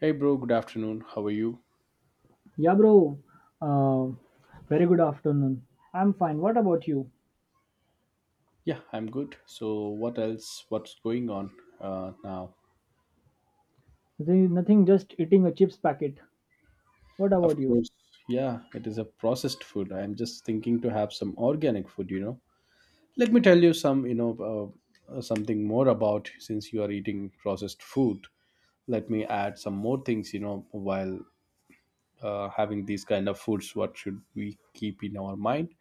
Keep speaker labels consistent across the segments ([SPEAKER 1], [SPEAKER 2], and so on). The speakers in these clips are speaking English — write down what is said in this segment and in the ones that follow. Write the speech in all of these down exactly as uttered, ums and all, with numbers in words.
[SPEAKER 1] Hey bro, good afternoon. How are you?
[SPEAKER 2] Yeah, bro. Uh, Very good afternoon. I'm fine. What about you?
[SPEAKER 1] Yeah, I'm good. So what else? What's going on uh, now?
[SPEAKER 2] Nothing, nothing, just eating a chips packet. What
[SPEAKER 1] Of
[SPEAKER 2] about you?
[SPEAKER 1] course, yeah, it is a processed food. I'm just thinking to have some organic food, you know. Let me tell you some, you know, uh, uh, something more, about since you are eating processed food. Let me add some more things, you know, while uh, having these kind of foods. What should we keep in our mind?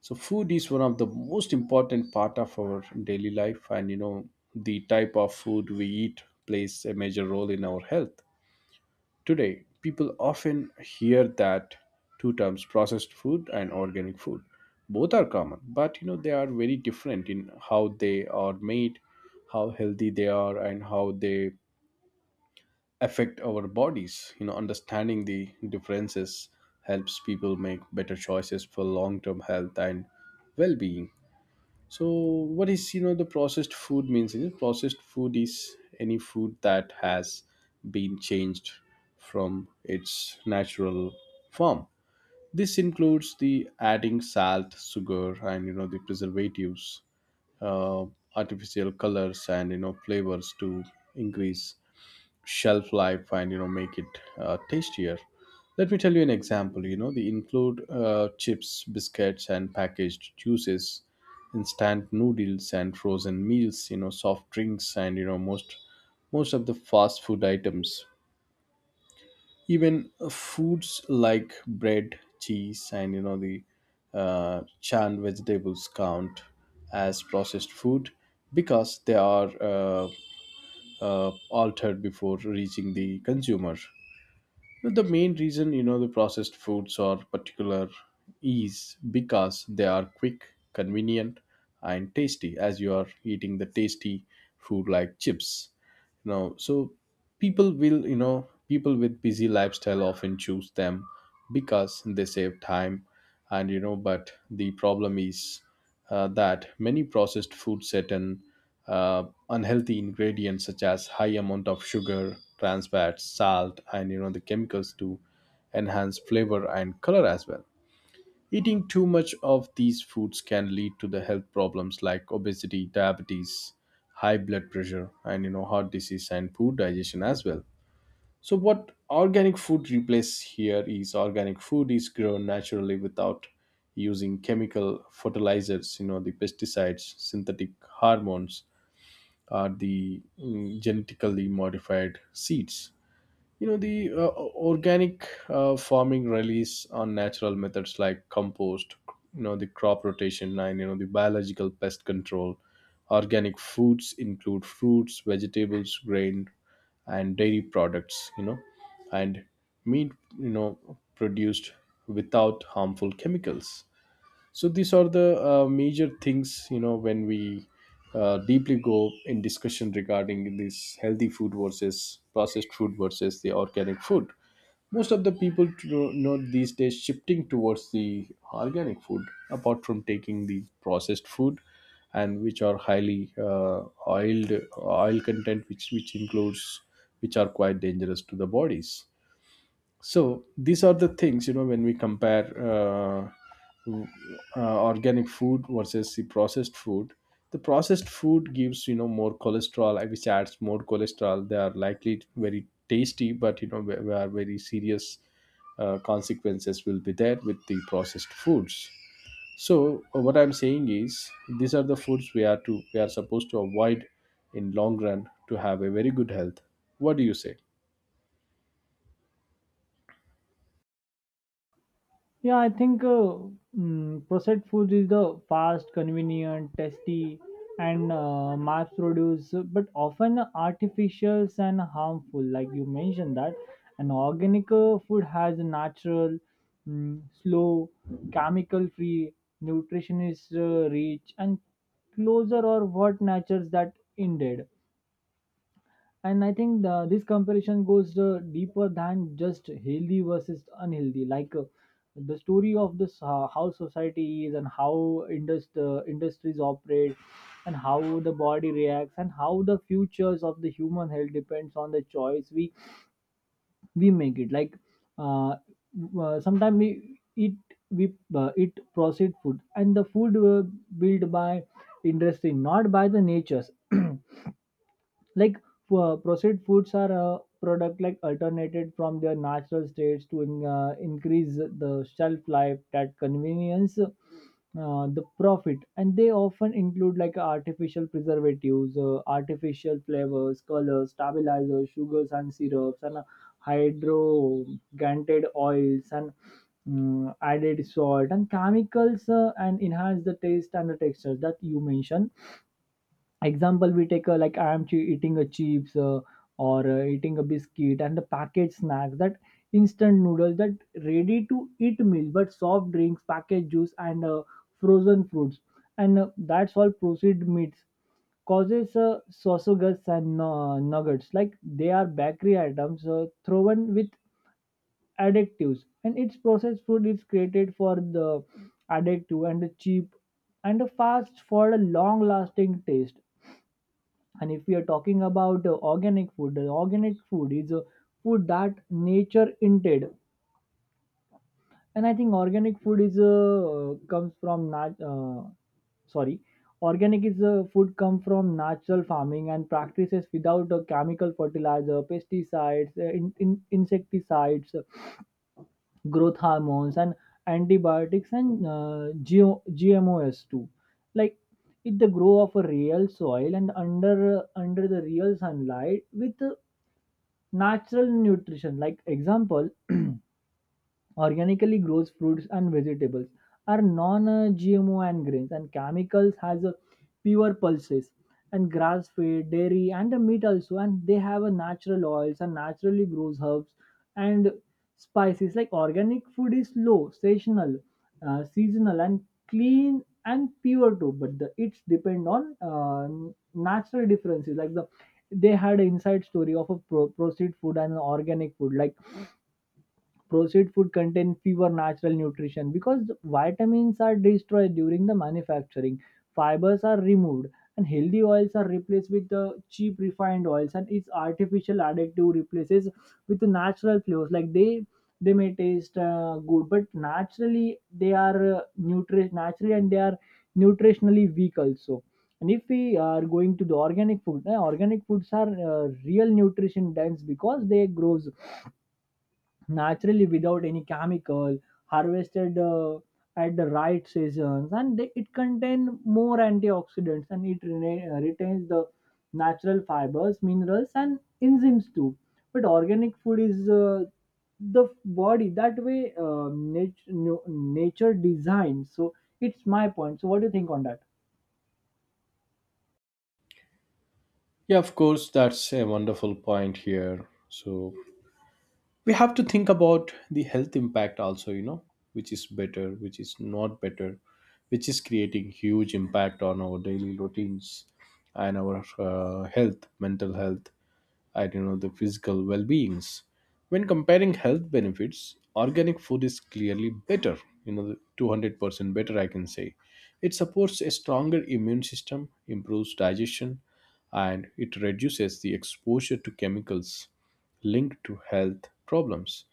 [SPEAKER 1] So food is one of the most important part of our daily life, and you know, the type of food we eat plays a major role in our health. Today people often hear that two terms: processed food and organic food. Both are common, but you know, they are very different in how they are made, how healthy they are, and how they affect our bodies. You know, understanding the differences helps people make better choices for long term health and well being. So, what is, you know, the processed food means? Is processed food is any food that has been changed from its natural form. This includes the adding salt, sugar, and you know, the preservatives, uh, artificial colors, and you know, flavors to increase shelf life and you know, make it uh, tastier. Let me tell you an example. You know, they include uh, chips, biscuits, and packaged juices, instant noodles, and frozen meals, you know, soft drinks, and you know, most most of the fast food items. Even uh, foods like bread, cheese, and you know, the uh, canned vegetables count as processed food, because they are uh, uh, altered before reaching the consumer. The main reason, you know, the processed foods are particular is because they are quick, convenient, and tasty. As you are eating the tasty food like chips, you know, so people will, you know, people with busy lifestyle often choose them because they save time. And you know, but the problem is uh, that many processed food certain uh, unhealthy ingredients such as high amount of sugar, trans fats, salt, and you know, the chemicals to enhance flavor and color as well. Eating too much of these foods can lead to the health problems like obesity, diabetes, high blood pressure, and you know, heart disease, and poor digestion as well. So, what organic food replaces here is organic food is grown naturally without using chemical fertilizers, you know, the pesticides, synthetic hormones, or the mm, genetically modified seeds. You know, the uh, organic uh, farming relies on natural methods like compost, you know, the crop rotation, and you know, the biological pest control. Organic foods include fruits, vegetables, grain, and dairy products, you know, and meat, you know, produced without harmful chemicals. So these are the uh, major things, you know, when we uh, deeply go in discussion regarding this healthy food versus processed food versus the organic food. Most of the people to know know these days shifting towards the organic food, apart from taking the processed food, and which are highly uh, oiled, oil content, which which includes, which are quite dangerous to the bodies. So these are the things, you know, when we compare uh, w- uh, organic food versus the processed food, the processed food gives, you know, more cholesterol, uh, which adds more cholesterol. They are likely very tasty, but you know, where where very serious uh, consequences will be there with the processed foods. So uh, what I'm saying is these are the foods we are to we are supposed to avoid in long run to have a very good health. What do you say?
[SPEAKER 2] Yeah, I think uh, mm, processed food is the fast, convenient, tasty, and uh, mass produced, but often artificial and harmful. Like you mentioned that, an organic uh, food has a natural, mm, slow, chemical-free, nutrition is uh, rich, and closer or what nature's that ended. And I think the, this comparison goes uh, deeper than just healthy versus unhealthy. Like uh, the story of this uh, how society is and how indust- uh, industries operate, and how the body reacts, and how the futures of the human health depends on the choice we we make it. Like uh, uh, sometimes we eat we uh, eat processed food, and the food uh, built by industry, not by the natures. Like uh, processed foods are a product, like alternated from their natural states to in, uh, increase the shelf life, that convenience, uh, the profit, and they often include like artificial preservatives, uh, artificial flavors, colors, stabilizers, sugars and syrups, and uh, hydrogented oils, and mm, added salt and chemicals, uh, and enhance the taste and the texture that you mentioned. Example, we take a, like I am che- eating a chips, uh, or uh, eating a biscuit, and the packaged snacks, that instant noodles, that ready to eat meal, but soft drinks, packaged juice, and uh, frozen fruits, and uh, that's all processed meats, causes uh, sausages, and uh, nuggets, like they are bakery items, uh, thrown with additives, and its processed food is created for the addictive and the cheap and the fast for a long lasting taste. And if we are talking about uh, organic food, the organic food is a food that nature intended. And I think organic food is uh, comes from nat- uh, sorry organic is a food come from natural farming and practices without a chemical fertilizer, pesticides, uh, in, in, insecticides, uh, growth hormones, and antibiotics, and uh, G- gmos too. Like it the grow of a real soil and under uh, under the real sunlight with uh, natural nutrition, like example, organically grows fruits and vegetables are non-gmo, and grains and chemicals has a pure pulses, and grass fed dairy and the meat also, and they have a natural oils and naturally grows herbs and spices. Like organic food is low seasonal, uh, seasonal and clean and pure too, but the it's depend on uh, natural differences. Like the they had an inside story of a pro- processed food and organic food. Like processed food contain fewer natural nutrition because vitamins are destroyed during the manufacturing, fibers are removed, and healthy oils are replaced with the cheap refined oils, and its artificial additive replaces with the natural flavors. Like they they may taste uh, good, but naturally they are uh, nutri- naturally and they are nutritionally weak also. And if we are going to the organic food, eh, organic foods are uh, real nutrition dense because they grows naturally without any chemical, harvested uh, at the right seasons, and they, it contain more antioxidants, and it rena- uh, retains the natural fibers, minerals, and enzymes too. But organic food is uh, the body that way uh, nat- no- nature designed. So it's my point. So what do you think on that?
[SPEAKER 1] Yeah, of course, that's a wonderful point here. So we have to think about the health impact also, you know, which is better, which is not better, which is creating huge impact on our daily routines and our uh, health, mental health. I don't know, the physical well beings. When comparing health benefits, organic food is clearly better, you know, two hundred percent better, I can say. It supports a stronger immune system, improves digestion, and it reduces the exposure to chemicals linked to health problems.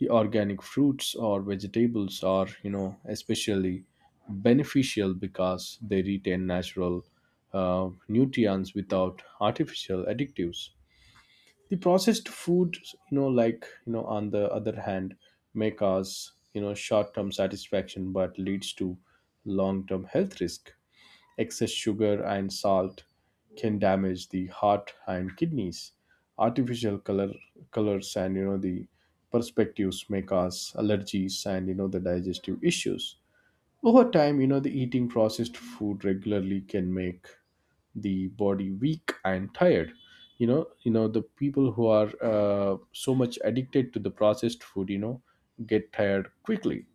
[SPEAKER 1] The organic fruits or vegetables are, you know, especially beneficial because they retain natural uh, nutrients without artificial additives. The processed food, you know like you know on the other hand, may cause, you know, short-term satisfaction but leads to long-term health risk. Excess sugar and salt can damage the heart and kidneys. Artificial color colors, and you know, the perspectives may cause allergies, and you know, the digestive issues. Over time, you know, the eating processed food regularly can make the body weak and tired. You know you know the people who are uh, so much addicted to the processed food, you know, get tired quickly,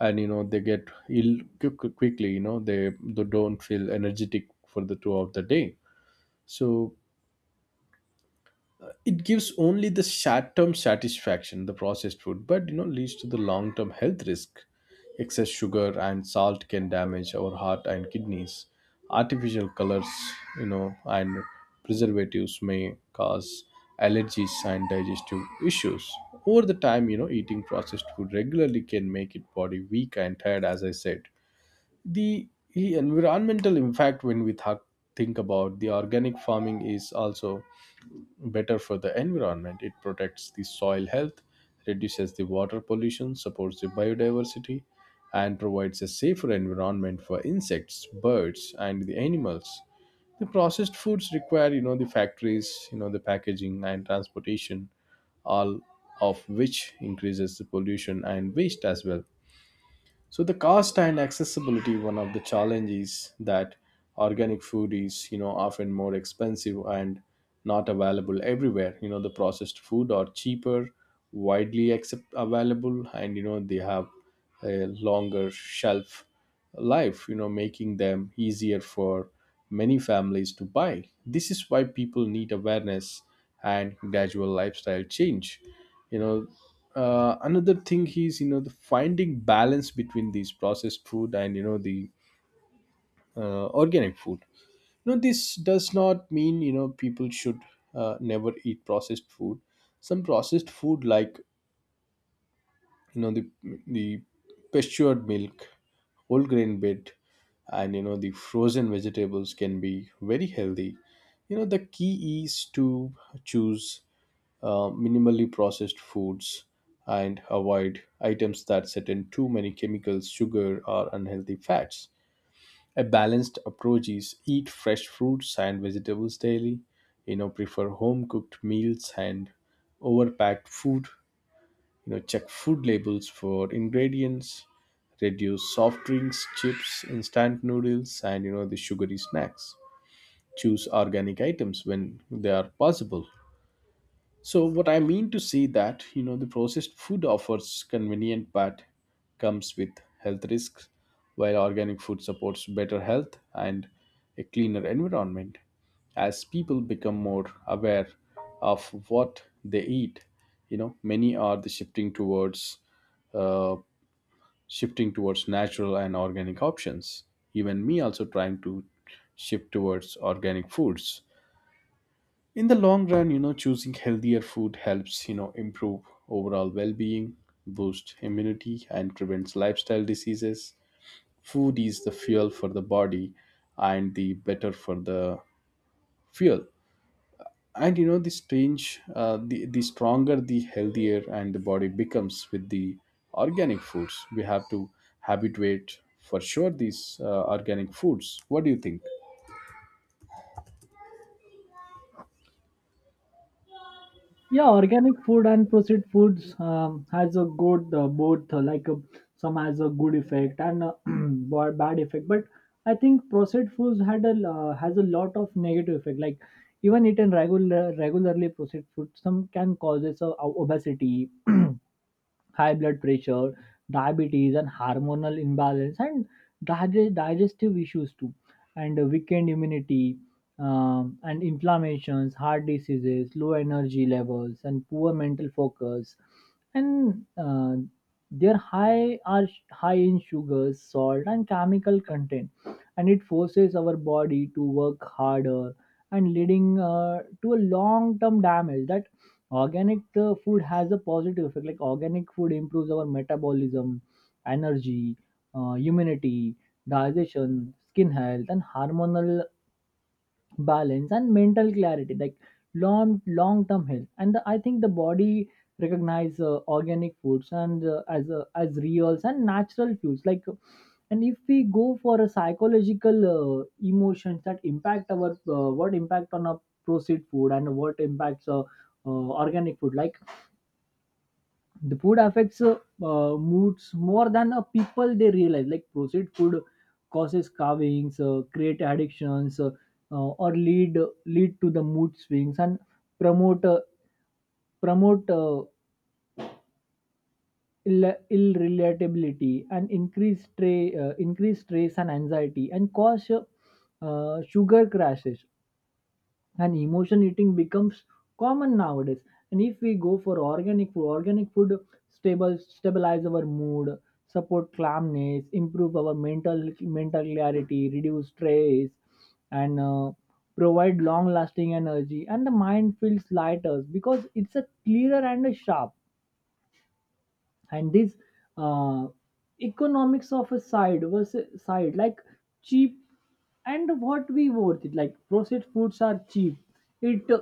[SPEAKER 1] and you know, they get ill quick- quickly. You know, they, they don't feel energetic for the throughout the day. So it gives only the short-term satisfaction, the processed food, but you know, leads to the long-term health risk. Excess sugar and salt can damage our heart and kidneys. Artificial colors, you know, and preservatives may cause allergies and digestive issues. Over the time, you know, eating processed food regularly can make it body weak and tired, as I said. The the environmental impact, when we th- think about the organic farming, is also better for the environment. It protects the soil health, reduces the water pollution, supports the biodiversity, and provides a safer environment for insects, birds, and the animals. The processed foods require, you know, the factories, you know, the packaging and transportation, all of which increases the pollution and waste as well. So the cost and accessibility, one of the challenges, that organic food is, you know, often more expensive and not available everywhere. You know, the processed food are cheaper, widely accept available, and you know, they have a longer shelf life, you know, making them easier for many families to buy. This is why people need awareness and gradual lifestyle change. You know, uh, another thing is, you know, the finding balance between these processed food and you know, the uh, organic food. You know, this does not mean, you know, people should uh, never eat processed food. Some processed food like, you know, the the pastured milk, whole grain bread, and you know, the frozen vegetables can be very healthy. You know, the key is to choose uh, minimally processed foods, and avoid items that contain too many chemicals, sugar, or unhealthy fats. A balanced approach is eat fresh fruits and vegetables daily, you know, prefer home cooked meals and overpacked food, you know, check food labels for ingredients, reduce soft drinks, chips, instant noodles, and you know, the sugary snacks. Choose organic items when they are possible. So what I mean to say that, you know, the processed food offers convenient but comes with health risks, while organic food supports better health and a cleaner environment. As people become more aware of what they eat, you know, many are the shifting towards uh, shifting towards natural and organic options. Even me also trying to shift towards organic foods. In the long run, you know, choosing healthier food helps, you know, improve overall well-being, boost immunity, and prevents lifestyle diseases. Food is the fuel for the body, and the better for the fuel, and you know, the strange, uh, the, the stronger, the healthier and the body becomes with the organic foods. We have to habituate for sure these uh, organic foods. What do you think?
[SPEAKER 2] Yeah, organic food and processed foods um, has a good uh, both, uh, like uh, some has a good effect and uh, ba- bad effect, but I think processed foods had a uh, has a lot of negative effect. Like even eaten regular regularly processed food, some can causes uh, obesity, high blood pressure, diabetes, and hormonal imbalance, and dig- digestive issues too, and uh, weakened immunity, um, and inflammations, heart diseases, low energy levels, and poor mental focus, and uh, they're high are sh- high in sugars, salt, and chemical content, and it forces our body to work harder and leading uh, to a long-term damage. That organic uh, food has a positive effect. Like organic food improves our metabolism, energy, uh, immunity, digestion, skin health, and hormonal balance and mental clarity. Like long long term health. And the, I think the body recognize uh, organic foods, and uh, as uh, as reals and natural foods. Like, and if we go for a psychological uh, emotions that impact our uh, what impact on our proceed food and what impacts uh, uh, organic food. Like the food affects uh, uh, moods more than uh, people they realize. Like processed food causes carvings, uh, create addictions, uh, uh, or lead lead to the mood swings, and promote uh, promote uh, ill, irritability, and increase, tra- uh, increase stress and anxiety, and cause uh, uh, sugar crashes, and emotion eating becomes common nowadays. And if we go for organic food, organic food stable stabilize our mood, support calmness, improve our mental mental clarity, reduce stress, and uh, provide long lasting energy, and the mind feels lighter because it's a clearer and a sharp. And this uh, economics of a side versus side, like cheap and what we worth it. Like processed foods are cheap, it uh,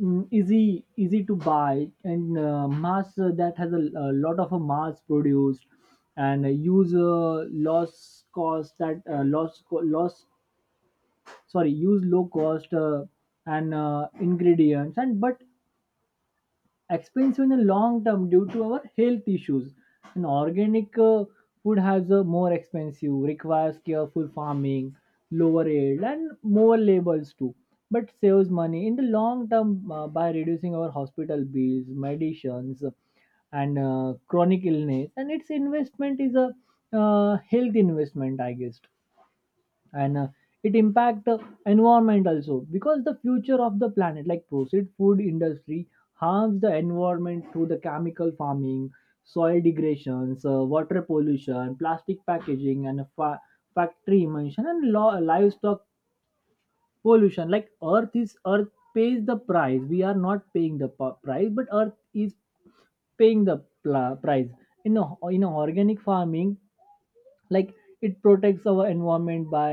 [SPEAKER 2] mm, easy easy to buy, and uh, mass, uh, that has a, a lot of a mass produced, and uh, use uh, loss cost that uh, loss co- loss sorry use low cost uh, and uh, ingredients, and but expensive in the long term due to our health issues. And organic uh, food has a more expensive, requires careful farming, lower yield, and more labels too. But saves money in the long term uh, by reducing our hospital bills, medicines, and uh, chronic illness. And its investment is a uh, health investment, I guess. And uh, it impact the environment also, because the future of the planet, like processed food industry harms the environment through the chemical farming, soil degradations, uh, water pollution, plastic packaging, and fa- factory emission, and lo- livestock pollution. Like earth is earth pays the price, we are not paying the p- price, but earth is paying the pl- price. In a, in a organic farming, like it protects our environment by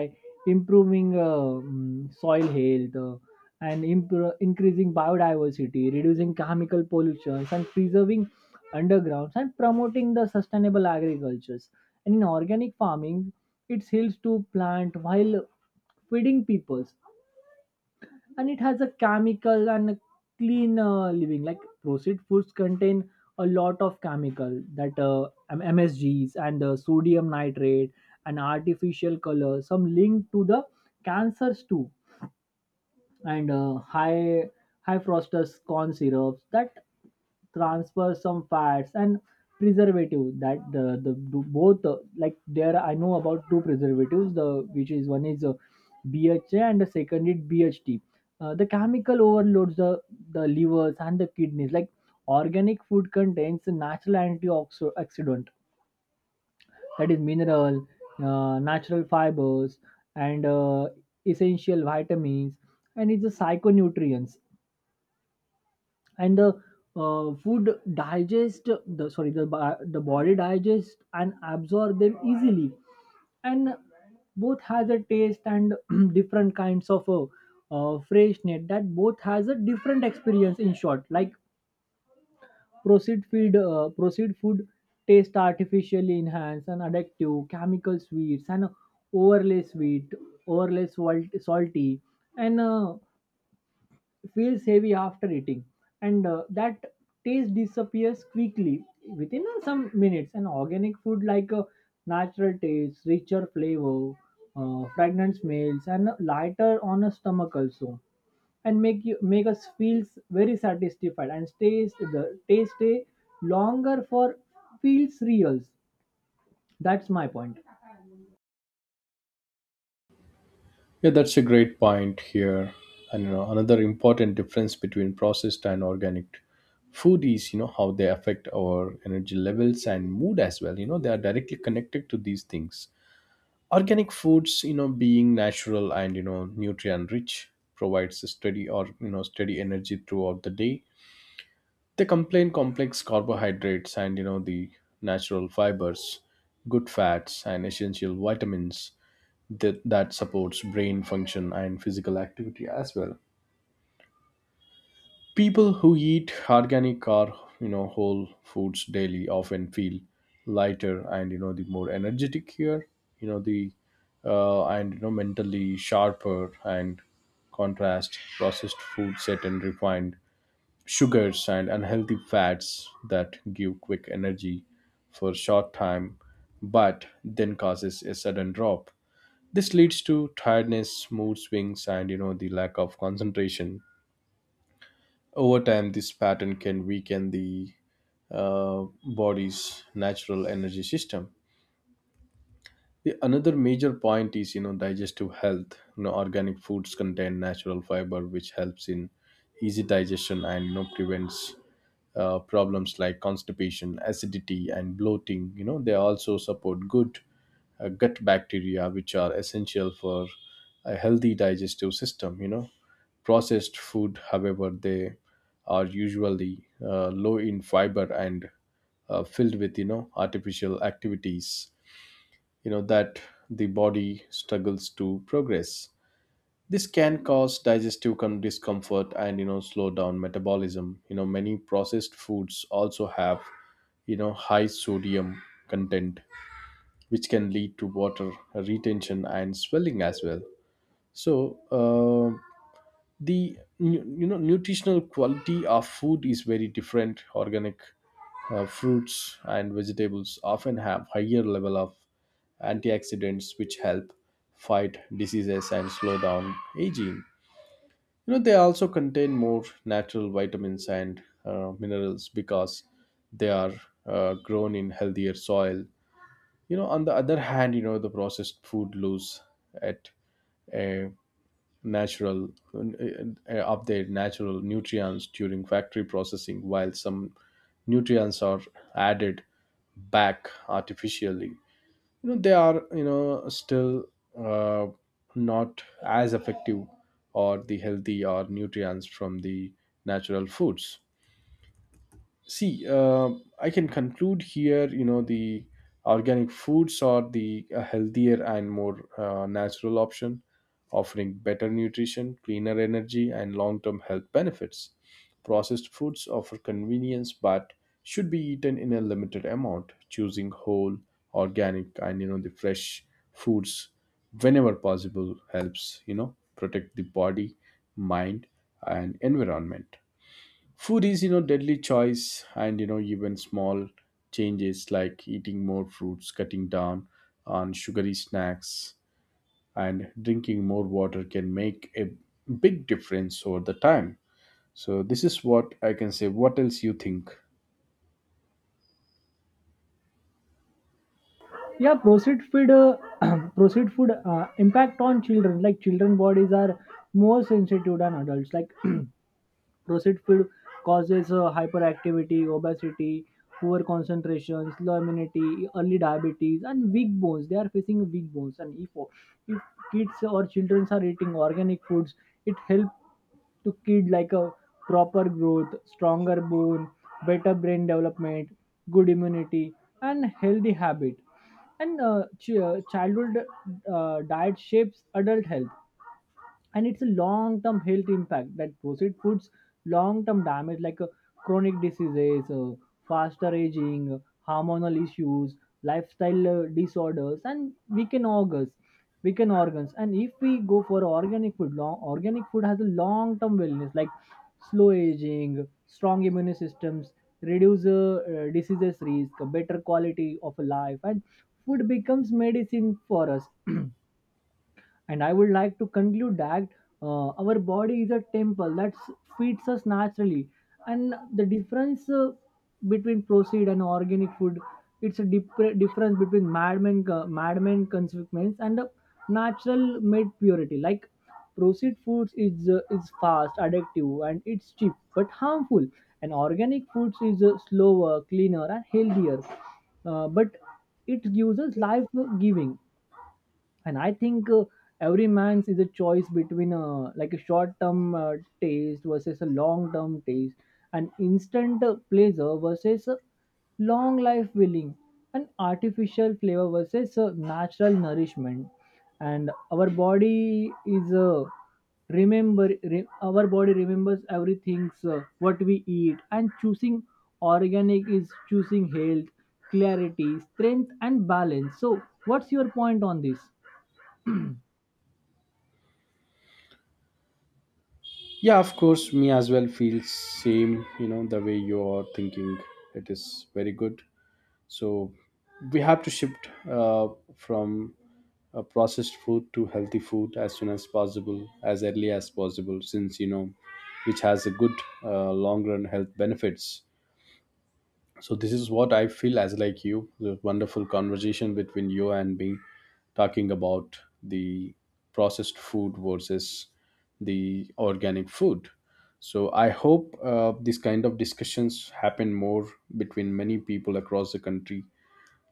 [SPEAKER 2] improving uh, mm, soil health, uh, and impro- increasing biodiversity, reducing chemical pollution, and preserving undergrounds, and promoting the sustainable agricultures. And in organic farming, it helps to plant while feeding peoples. And it has a chemical and a clean uh, living. Like processed foods contain a lot of chemical, that uh, M- msgs, and uh, sodium nitrate, and artificial color, some linked to the cancers too, and uh, high high fructose corn syrups, that transfer some fats, and preservative that the, the, do- both, uh, like there I know about two preservatives, the which is one is uh, bha, and the second is bht. Uh, the chemical overloads the the livers and the kidneys. Like organic food contains natural antioxidant, that is mineral, uh, natural fibers, and uh, essential vitamins, and it's the psychonutrients. And the uh, food digest the sorry the bi- the body digest and absorb them easily, and both has a taste and different kinds of uh, uh, freshness, that both has a different experience in short. Like processed food, uh, processed food taste artificially enhanced and addictive, chemical sweets and overlay sweet, overlay salt, salty, and uh, feels heavy after eating, and uh, that taste disappears quickly within uh, some minutes. And organic food, like a natural taste, richer flavor, uh, fragrant smells, and lighter on a stomach also, and make you make us feels very satisfied, and stays the taste stay longer for feels reals. That's my point.
[SPEAKER 1] Yeah, that's a great point here. And you know, another important difference between processed and organic food is, you know, how they affect our energy levels and mood as well. You know, they are directly connected to these things. Organic foods, you know, being natural and you know, nutrient rich, provides a steady, or you know, steady energy throughout the day. They contain complex carbohydrates and you know, the natural fibers, good fats, and essential vitamins that, that supports brain function and physical activity as well. People who eat organic or you know, whole foods daily often feel lighter, and you know, the more energetic here. You know, the uh, and you know, mentally sharper and contrast processed food set and refined sugars and unhealthy fats that give quick energy for short time, but then causes a sudden drop. This leads to tiredness, mood swings, and you know, the lack of concentration. Over time, this pattern can weaken the uh, body's natural energy system. The another major point is, you know, digestive health. You know, organic foods contain natural fiber, which helps in easy digestion and you know, prevents uh, problems like constipation, acidity, and bloating. You know, they also support good uh, gut bacteria, which are essential for a healthy digestive system. You know, processed food however, they are usually uh, low in fiber, and uh, filled with, you know, artificial activities, you know, that the body struggles to progress. This can cause digestive con- discomfort, and you know, slow down metabolism. You know, many processed foods also have, you know, high sodium content, which can lead to water retention and swelling as well. So uh, the nu- you know, nutritional quality of food is very different. Organic uh, fruits and vegetables often have higher level of antioxidants, which help fight diseases and slow down aging. You know, they also contain more natural vitamins, and uh, minerals, because they are uh, grown in healthier soil. You know, on the other hand, you know, the processed food lose at a natural uh, of their natural nutrients during factory processing, while some nutrients are added back artificially. You know, they are, you know, still uh, not as effective, or the healthy or nutrients from the natural foods. See, uh, I can conclude here. You know, the organic foods are the uh, healthier and more uh, natural option, offering better nutrition, cleaner energy, and long-term health benefits. Processed foods offer convenience, but should be eaten in a limited amount. Choosing whole, organic, and you know, the fresh foods whenever possible helps, you know, protect the body, mind, and environment. Food is, you know, deadly choice, and you know, even small changes like eating more fruits, cutting down on sugary snacks, and drinking more water can make a big difference over the time. So this is what I can say. What else you think?
[SPEAKER 2] Yeah, processed food uh, processed food uh, impact on children. Like children bodies are more sensitive than adults. Like processed food causes uh, hyperactivity, obesity, poor concentration, slow immunity, early diabetes, and weak bones. They are facing weak bones. And if, if kids or children are eating organic foods, it helps to kid like a proper growth, stronger bone, better brain development, good immunity, and healthy habit. And uh, ch- uh, childhood uh, diet shapes adult health. And it's a long-term health impact, that processed foods long-term damage, like uh, chronic diseases, uh, faster aging, uh, hormonal issues, lifestyle uh, disorders, and weakened organs weakened organs. And if we go for organic food, long organic food has a long-term wellness, like slow aging, strong immune systems, reduce uh, uh, diseases risk, a better quality of life, and food becomes medicine for us. And I would like to conclude that uh, our body is a temple that s- feeds us naturally. And the difference uh, between proceed and organic food, it's a dip- difference between madman co- madman consequence and a natural made purity. Like proceed foods is uh, is fast addictive and it's cheap but harmful, and organic foods is uh, slower, cleaner, and healthier, uh, but it gives us life giving. And I think uh, every man's is a choice between uh, like a short term uh, taste versus a long term taste, and instant uh, pleasure versus uh, long life willing, and artificial flavor versus uh, natural nourishment. And our body is uh, remember re- our body remembers everything, uh, what we eat. And choosing organic is choosing health, clarity, strength, and balance. So what's your point on this?
[SPEAKER 1] Yeah, of course, me as well feels same. You know, the way you are thinking, it is very good. So we have to shift uh, from uh, processed food to healthy food as soon as possible, as early as possible, since you know, which has a good uh, long run health benefits. So this is what I feel as like you. The wonderful conversation between you and me, talking about the processed food versus the organic food. So I hope uh, these kind of discussions happen more between many people across the country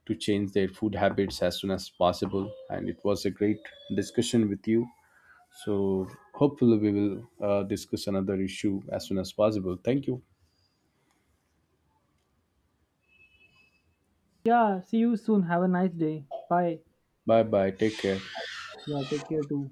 [SPEAKER 1] to change their food habits as soon as possible. And it was a great discussion with you. So hopefully we will uh, discuss another issue as soon as possible. Thank you.
[SPEAKER 2] Yeah, see you soon. Have a nice day. Bye.
[SPEAKER 1] Bye bye. Take care.
[SPEAKER 2] Yeah, take care too.